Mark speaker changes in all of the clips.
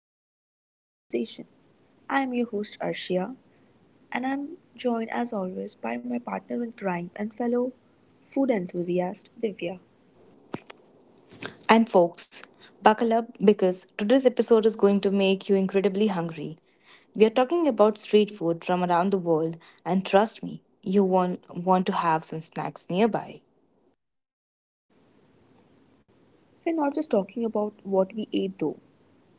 Speaker 1: to Vandalous Conversation. I am your host Arshia, and I'm joined as always by my partner in crime and fellow food enthusiast Divya.
Speaker 2: And folks, buckle up because today's episode is going to make you incredibly hungry. We are talking about street food from around the world, and trust me, you won't want to have some snacks nearby.
Speaker 1: We're not just talking about what we ate though,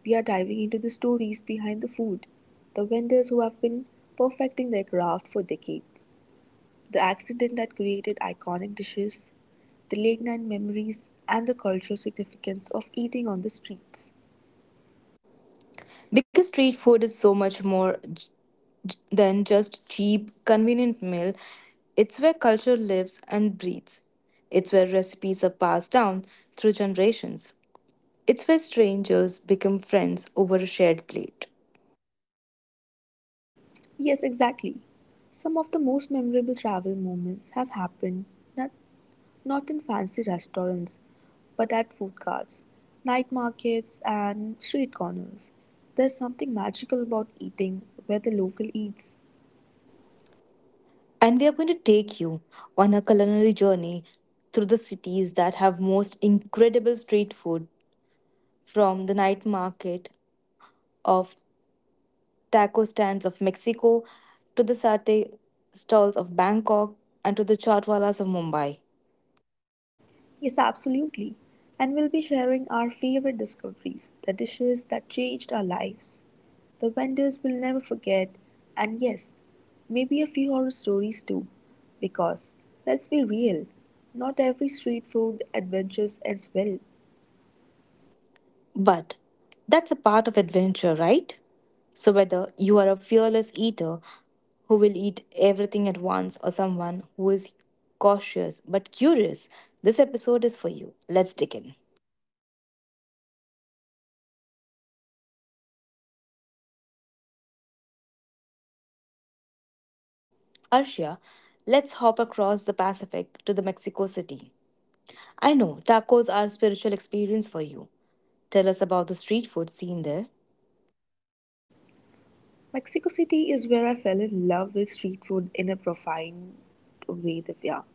Speaker 1: we are diving into the stories behind the food, the vendors who have been perfecting their craft for decades, the accident that created iconic dishes, the late night memories, and the cultural significance of eating on the streets.
Speaker 2: Because street food is so much more than just cheap, convenient meal, it's where culture lives and breathes. It's where recipes are passed down through generations. It's where strangers become friends over a shared plate.
Speaker 1: Yes, exactly. Some of the most memorable travel moments have happened not, not in fancy restaurants, but at food carts, night markets, and street corners. There's something magical about eating where the local eats.
Speaker 2: And we are going to take you on a culinary journey through the cities that have most incredible street food from the night market of taco stands of Mexico to the satay stalls of Bangkok and to the chaatwalas of Mumbai.
Speaker 1: Yes, absolutely. And we'll be sharing our favorite discoveries, the dishes that changed our lives. The vendors will never forget, and yes, maybe a few horror stories too. Because, let's be real, not every street food adventure ends well.
Speaker 2: But that's a part of adventure, right? So whether you are a fearless eater who will eat everything at once or someone who is cautious but curious, this episode is for you. Let's dig in. Arshia, let's hop across the Pacific to the Mexico City. I know tacos are a spiritual experience for you. Tell us about the street food scene there.
Speaker 1: Mexico City is where I fell in love with street food in a profound way, Divya.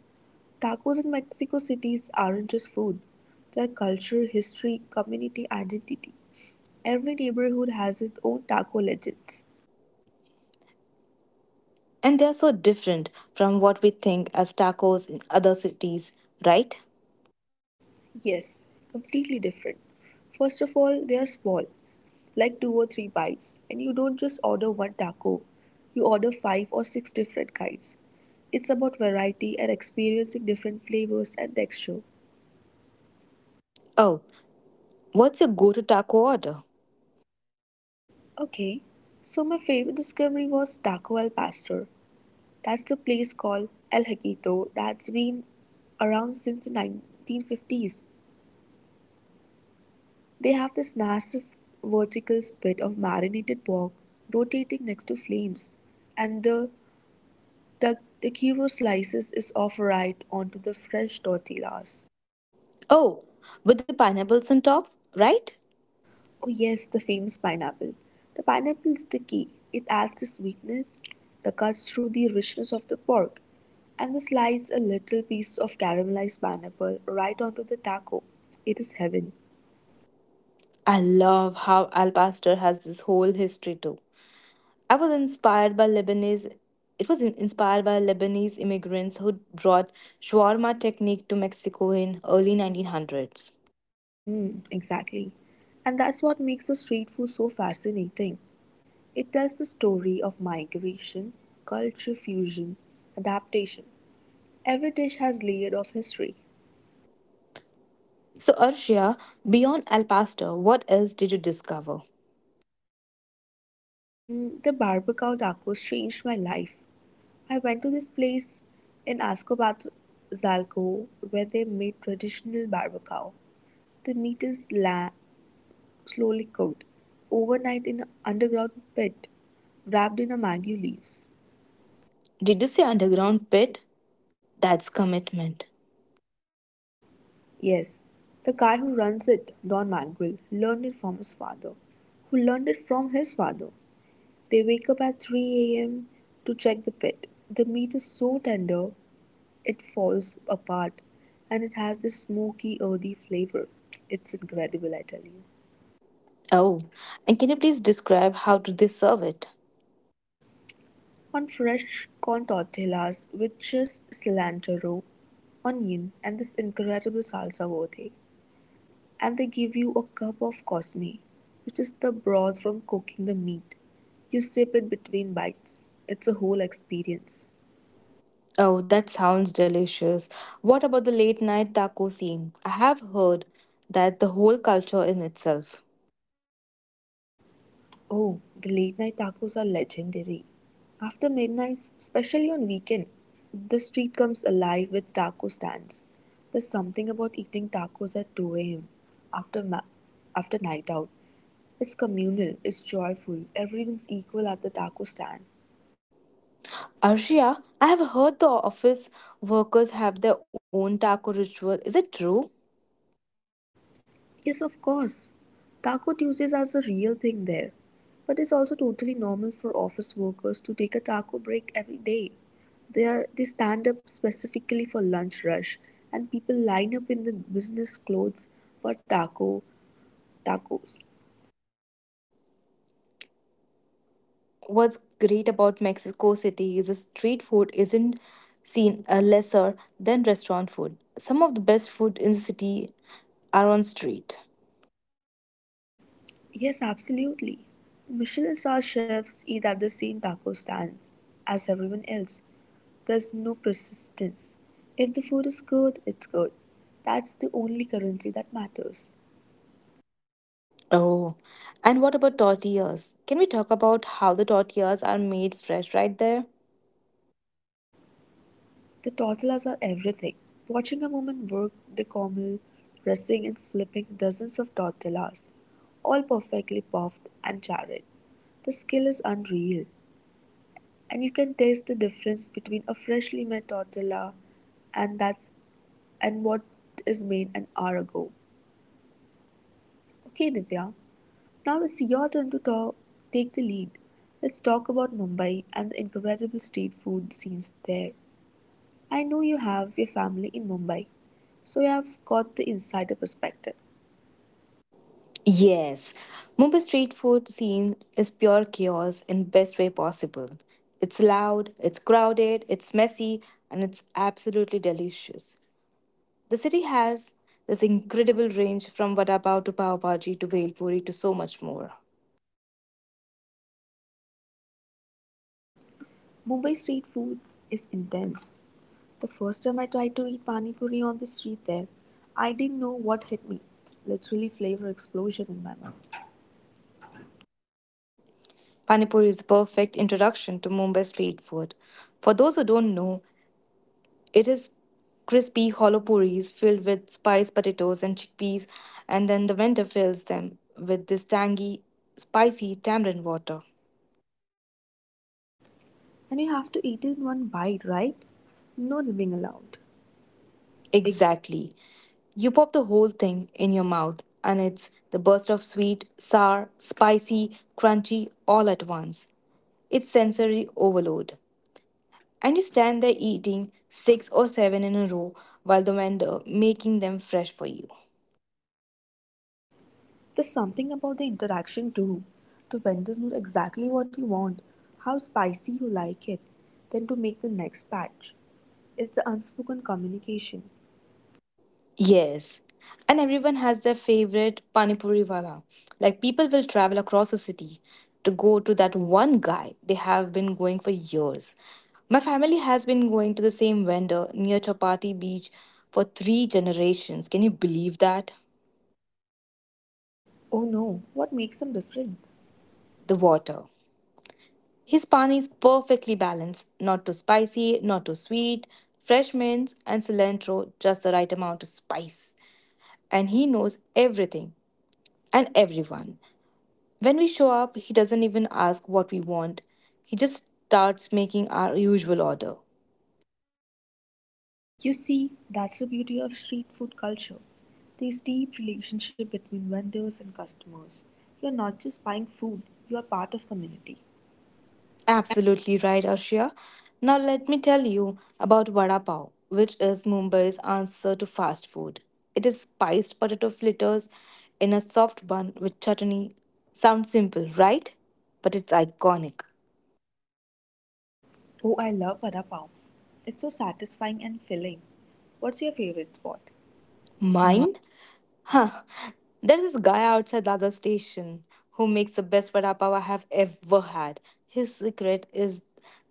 Speaker 1: Tacos in Mexico cities aren't just food, they're culture, history, community identity. Every neighborhood has its own taco legends.
Speaker 2: And they are so different from what we think as tacos in other cities, right?
Speaker 1: Yes, completely different. First of all, they are small, like two or three bites. And you don't just order one taco, you order five or six different kinds. It's about variety and experiencing different flavors and texture.
Speaker 2: Oh, what's your go to taco order?
Speaker 1: Okay, so my favorite discovery was Taco El Pastor. That's the place called El Haquito that's been around since the 1950s. They have this massive vertical spit of marinated pork rotating next to flames, and the taquero slices is off right onto the fresh tortillas.
Speaker 2: Oh, with the pineapples on top, right?
Speaker 1: Oh yes, the famous pineapple. The pineapple is the key. It adds the sweetness that cuts through the richness of the pork, and the slice a little piece of caramelized pineapple right onto the taco. It is heaven.
Speaker 2: I love how Al Pastor has this whole history too. I was inspired by Lebanese. It was inspired by Lebanese immigrants who brought shawarma technique to Mexico in early 1900s.
Speaker 1: Exactly. And that's what makes the street food so fascinating. It tells the story of migration, culture fusion, adaptation. Every dish has layered of history.
Speaker 2: So Arshia, beyond El Pasto, what else did you discover?
Speaker 1: The barbacoa tacos changed my life. I went to this place in Ascobato Zalco where they made traditional barbacoa. The meat is slowly cooked overnight in an underground pit wrapped in a mango leaves.
Speaker 2: Did you say underground pit? That's commitment.
Speaker 1: Yes, the guy who runs it, Don Manuel, learned it from his father, who learned it from his father. They wake up at 3 a.m. to check the pit. The meat is so tender it falls apart and it has this smoky, earthy flavor. It's incredible, I tell you.
Speaker 2: Oh, and can you please describe how do they serve it?
Speaker 1: On fresh corn tortillas with just cilantro, onion, and this incredible salsa verde. And they give you a cup of cosme, which is the broth from cooking the meat. You sip it between bites. It's a whole experience.
Speaker 2: Oh, that sounds delicious. What about the late night taco scene? I have heard that the whole culture in itself.
Speaker 1: Oh, the late night tacos are legendary. After midnight, especially on weekend, the street comes alive with taco stands. There's something about eating tacos at 2 a.m. after ma- after night out. It's communal, it's joyful, everyone's equal at the taco stand.
Speaker 2: Arshia, I have heard the office workers have their own taco ritual. Is it true?
Speaker 1: Yes, of course. Taco Tuesdays are the real thing there. But it's also totally normal for office workers to take a taco break every day. They stand up specifically for lunch rush and people line up in the business clothes for tacos.
Speaker 2: What's great about Mexico City is the street food isn't seen lesser than restaurant food. Some of the best food in the city are on street.
Speaker 1: Yes, absolutely. Michelin star chefs eat at the same taco stands as everyone else. There's no persistence. If the food is good, it's good. That's the only currency that matters.
Speaker 2: Oh, and what about tortillas? Can we talk about how the tortillas are made fresh right there?
Speaker 1: The toddlers are everything. Watching a woman work the camel, dressing and flipping dozens of tortillas, all perfectly puffed and charred. The skill is unreal, and you can taste the difference between a freshly made tortilla and that's and what is made an hour ago. Okay, Divya, now it's your turn to talk, take the lead. Let's talk about Mumbai and the incredible street food scenes there. I know you have your family in Mumbai, so you have got the insider perspective.
Speaker 2: Yes, Mumbai street food scene is pure chaos in best way possible. It's loud, it's crowded, it's messy, and it's absolutely delicious. The city has this incredible range from vada pav to pav bhaji to bhel puri to so much more.
Speaker 1: Mumbai street food is intense. The first time I tried to eat pani puri on the street there, I didn't know what hit me. Literally flavor explosion in my mouth.
Speaker 2: Pani puri is the perfect introduction to Mumbai street food. For those who don't know, it is crispy, hollow puris filled with spiced potatoes and chickpeas, and then the vendor fills them with this tangy, spicy tamarind water.
Speaker 1: And you have to eat it in one bite, right? No nibbling allowed. Ex-
Speaker 2: Exactly. You pop the whole thing in your mouth, and it's the burst of sweet, sour, spicy, crunchy all at once. It's sensory overload. And you stand there eating six or seven in a row while the vendor making them fresh for you.
Speaker 1: There's something about the interaction too. The vendors know exactly what you want, how spicy you like it, then to make the next batch. It's the unspoken communication.
Speaker 2: Yes. And everyone has their favorite Panipuri wala. Like people will travel across the city to go to that one guy they have been going for years. My family has been going to the same vendor near Chapati Beach for three generations. Can you believe that?
Speaker 1: Oh no, what makes them different?
Speaker 2: The water. His pani is perfectly balanced, not too spicy, not too sweet, fresh mints and cilantro, just the right amount of spice. And he knows everything and everyone. When we show up, he doesn't even ask what we want. He just starts making our usual order.
Speaker 1: You see, that's the beauty of street food culture. This deep relationship between vendors and customers. You're not just buying food, you are part of community.
Speaker 2: Absolutely right, Arshia. Now let me tell you about vada pav, which is Mumbai's answer to fast food. It is spiced potato fritters in a soft bun with chutney. Sounds simple, right? But it's iconic.
Speaker 1: Oh, I love vada pav. It's so satisfying and filling. What's your favorite spot?
Speaker 2: Mine? Huh. There's this guy outside the other station who makes the best vada pav I have ever had. His secret is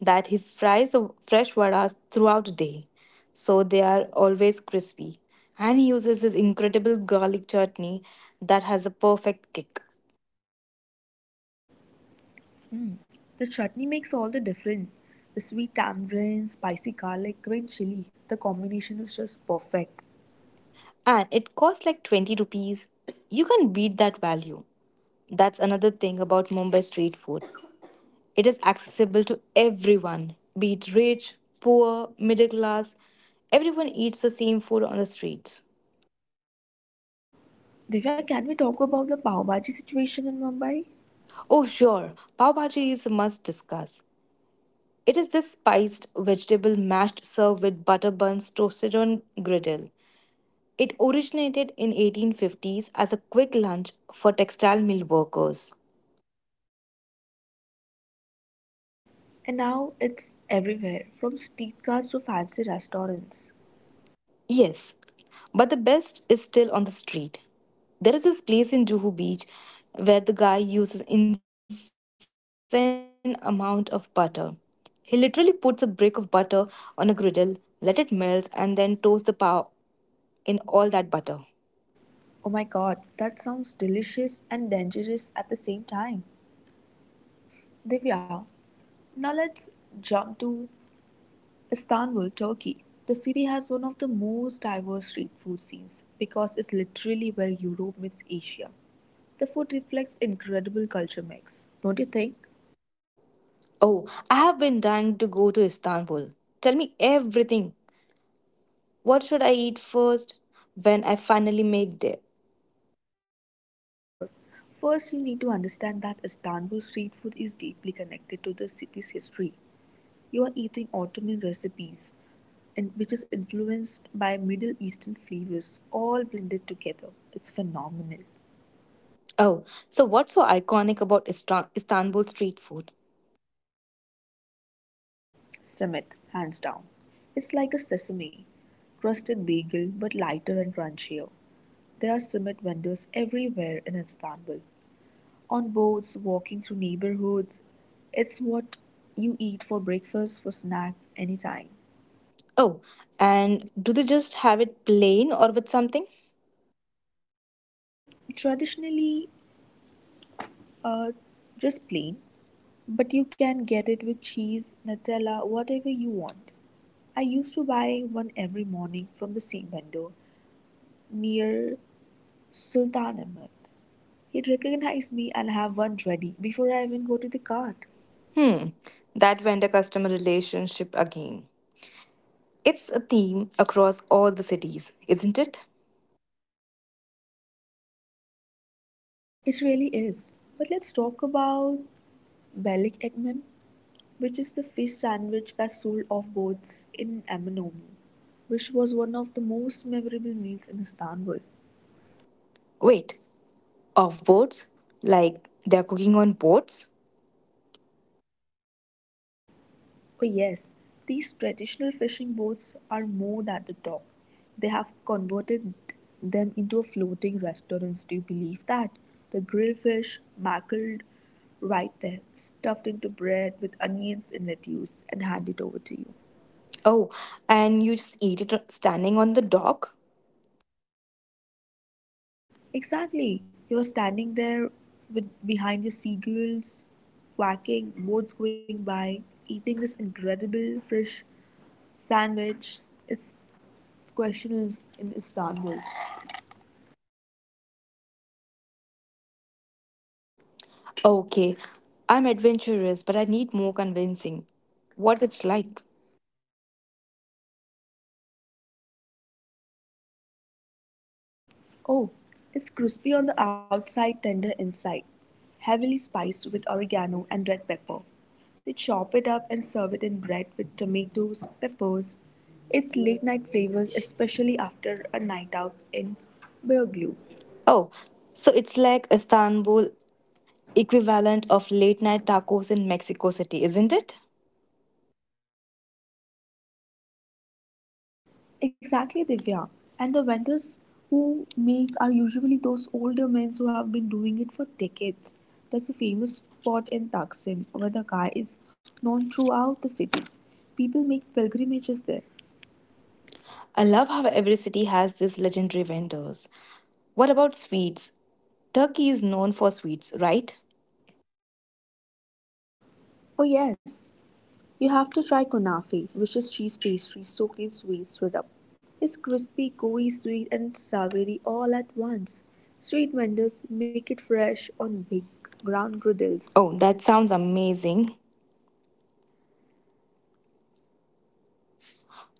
Speaker 2: that he fries the fresh vadas throughout the day, so they are always crispy. And he uses this incredible garlic chutney that has a perfect kick.
Speaker 1: Mm. The chutney makes all the difference. The sweet tamarind, spicy garlic, green chili. The combination is just perfect.
Speaker 2: And it costs like 20 rupees. You can beat that value. That's another thing about Mumbai street food. It is accessible to everyone, be it rich, poor, middle class. Everyone eats the same food on the streets.
Speaker 1: Divya, can we talk about the pav bhaji situation in Mumbai?
Speaker 2: Oh, sure, pav bhaji is a must discuss. It is this spiced vegetable mashed served with butter buns toasted on griddle. It originated in 1850s as a quick lunch for textile mill workers.
Speaker 1: And now it's everywhere, from streetcars to fancy restaurants.
Speaker 2: Yes, but the best is still on the street. There is this place in Juhu Beach where the guy uses insane amount of butter. He literally puts a brick of butter on a griddle, let it melt, and then toast the pow in all that butter.
Speaker 1: Oh my god, that sounds delicious and dangerous at the same time. Divya, now let's jump to Istanbul, Turkey. The city has one of the most diverse street food scenes because it's literally where Europe meets Asia. The food reflects incredible culture mix. Don't you think?
Speaker 2: Oh, I have been dying to go to Istanbul. Tell me everything. What should I eat first when I finally make there?
Speaker 1: Yeah, sure. First, you need to understand that Istanbul street food is deeply connected to the city's history. You are eating Ottoman recipes, and which is influenced by Middle Eastern flavors, all blended together. It's phenomenal.
Speaker 2: Oh, so what's so iconic about Istanbul street food?
Speaker 1: Summit, hands down. It's like a sesame crusted bagel, but lighter and crunchier. There are Summit vendors everywhere in Istanbul. On boats, walking through neighborhoods, it's what you eat for breakfast, for snack, anytime.
Speaker 2: Oh, and do they just have it plain or with something?
Speaker 1: Traditionally, uh, just plain. But you can get it with cheese, Nutella, whatever you want. I used to buy one every morning from the same vendor near Sultanahmet. He'd recognize me and have one ready before I even go to the cart.
Speaker 2: Hmm, that vendor customer relationship again. It's a theme across all the cities, isn't it?
Speaker 1: It really is. But let's talk about Belik Ekmem, which is the fish sandwich that sold off boats in Aminomu, which was one of the most memorable meals in Istanbul.
Speaker 2: Wait, off boards? Like they're cooking on boats?
Speaker 1: Oh, yes, these traditional fishing boats are more than the talk. They have converted them into a floating restaurants. Do you believe that? The grilled fish, mackerel, right there, stuffed into bread with onions and lettuce, and handed over to you.
Speaker 2: Oh, and you just eat it standing on the dock?
Speaker 1: Exactly. You're standing there with behind your seagulls, quacking, boats going by, eating this incredible fish sandwich. It's, it's questionable in Istanbul.
Speaker 2: Okay, I'm adventurous, but I need more convincing. What it's like?
Speaker 1: Oh, it's crispy on the outside, tender inside, heavily spiced with oregano and red pepper. They chop it up and serve it in bread with tomatoes, peppers. It's late night flavors, especially after a night out in Beoglu.
Speaker 2: Oh, so it's like Istanbul equivalent of late night tacos in Mexico City, isn't it?
Speaker 1: Exactly, Divya. And the vendors who make are usually those older men who have been doing it for decades. There's a famous spot in Taksim where the guy is known throughout the city. People make pilgrimages there.
Speaker 2: I love how every city has these legendary vendors. What about sweets? Turkey is known for sweets, right?
Speaker 1: Oh yes, you have to try kunafe, which is cheese pastry soaked in sweet syrup. It's crispy, gooey, sweet and savory all at once. Street vendors make it fresh on big ground griddles.
Speaker 2: Oh, that sounds amazing.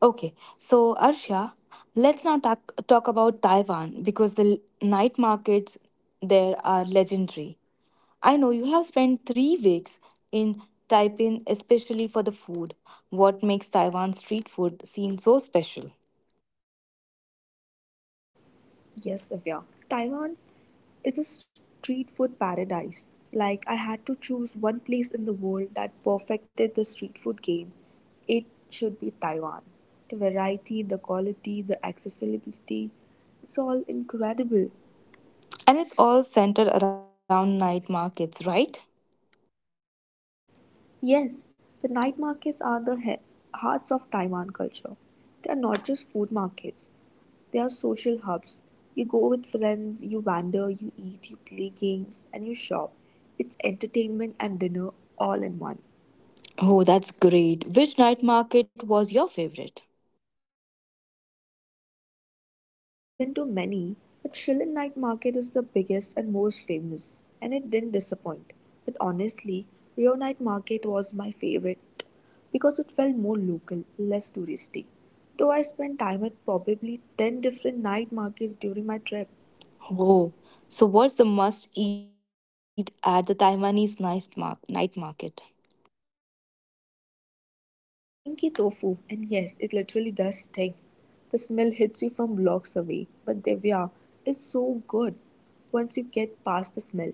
Speaker 2: Okay, so Arshia, let's now talk about Taiwan because the night markets there are legendary. I know you have spent 3 weeks in Taipei, especially for the food. What makes Taiwan's street food scene so special?
Speaker 1: Yes, Avya. Taiwan is a street food paradise. Like I had to choose one place in the world that perfected the street food game. It should be Taiwan. The variety, the quality, the accessibility, it's all incredible.
Speaker 2: And it's all centered around night markets, right?
Speaker 1: Yes, the night markets are the hearts of Taiwan culture. They are not just food markets, they are social hubs. You go with friends, you wander, you eat, you play games, and you shop. It's entertainment and dinner all in one.
Speaker 2: Oh, that's great. Which night market was your favorite?
Speaker 1: I've been to many, but Shillin Night Market is the biggest and most famous, and it didn't disappoint. But honestly, Rio Night Market was my favorite because it felt more local, less touristy. Though I spent time at probably 10 different night markets during my trip.
Speaker 2: Oh, so what's the must eat at the Taiwanese night market?
Speaker 1: Stinky tofu, and yes, it literally does stink. The smell hits you from blocks away, but Divya is so good once you get past the smell.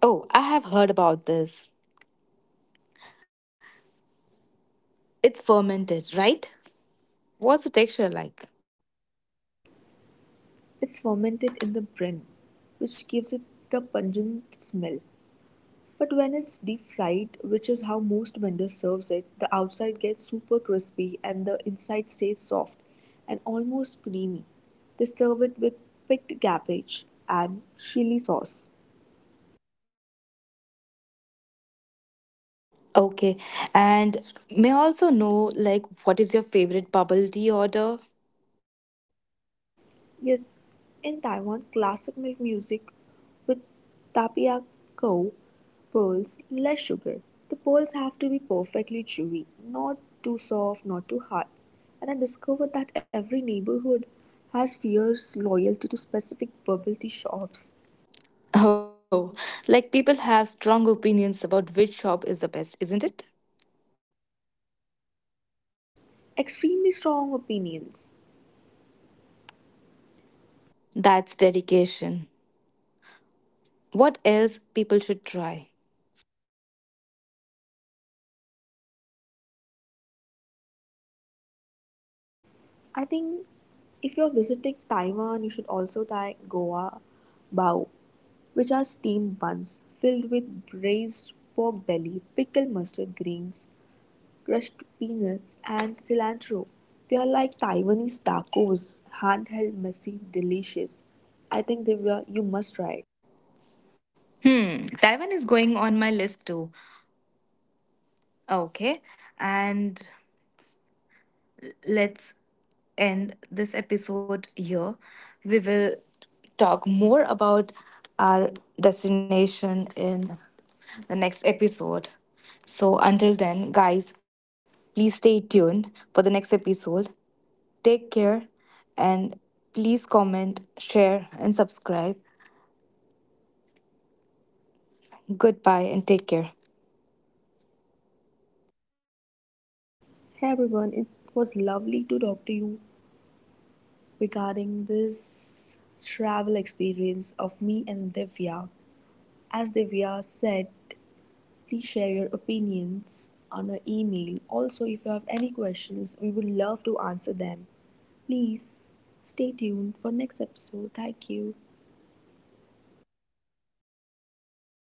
Speaker 2: Oh, I have heard about this. It's fermented, right? What's the texture like?
Speaker 1: It's fermented in the brin, which gives it the pungent smell. But when it's deep fried, which is how most vendors serves it, the outside gets super crispy and the inside stays soft and almost creamy. They serve it with picked cabbage and chili sauce.
Speaker 2: Okay, and may I also know, like, what is your favorite bubble tea order?
Speaker 1: Yes, in Taiwan, classic milk music with tapioca pearls, less sugar. The pearls have to be perfectly chewy, not too soft, not too hard. And I discovered that every neighborhood has fierce loyalty to specific bubble tea shops.
Speaker 2: Oh, like, people have strong opinions about which shop is the best, isn't it?
Speaker 1: Extremely strong opinions.
Speaker 2: That's dedication. What else people should try?
Speaker 1: I think if you're visiting Taiwan, you should also try Goa Bao which are steamed buns filled with braised pork belly, pickled mustard greens, crushed peanuts, and cilantro. They are like Taiwanese tacos, handheld, messy, delicious. I think Divya, you must try it.
Speaker 2: Hmm, Taiwan is going on my list too. Okay, and let's end this episode here. We will talk more about our destination in the next episode. So, until then, guys, please stay tuned for the next episode. Take care and please comment, share, and subscribe. Goodbye and take care.
Speaker 1: Hey everyone, it was lovely to talk to you regarding this travel experience of me and Divya. As Divya said, please share your opinions on our email. Also, if you have any questions, we would love to answer them. Please stay tuned for next episode. Thank you.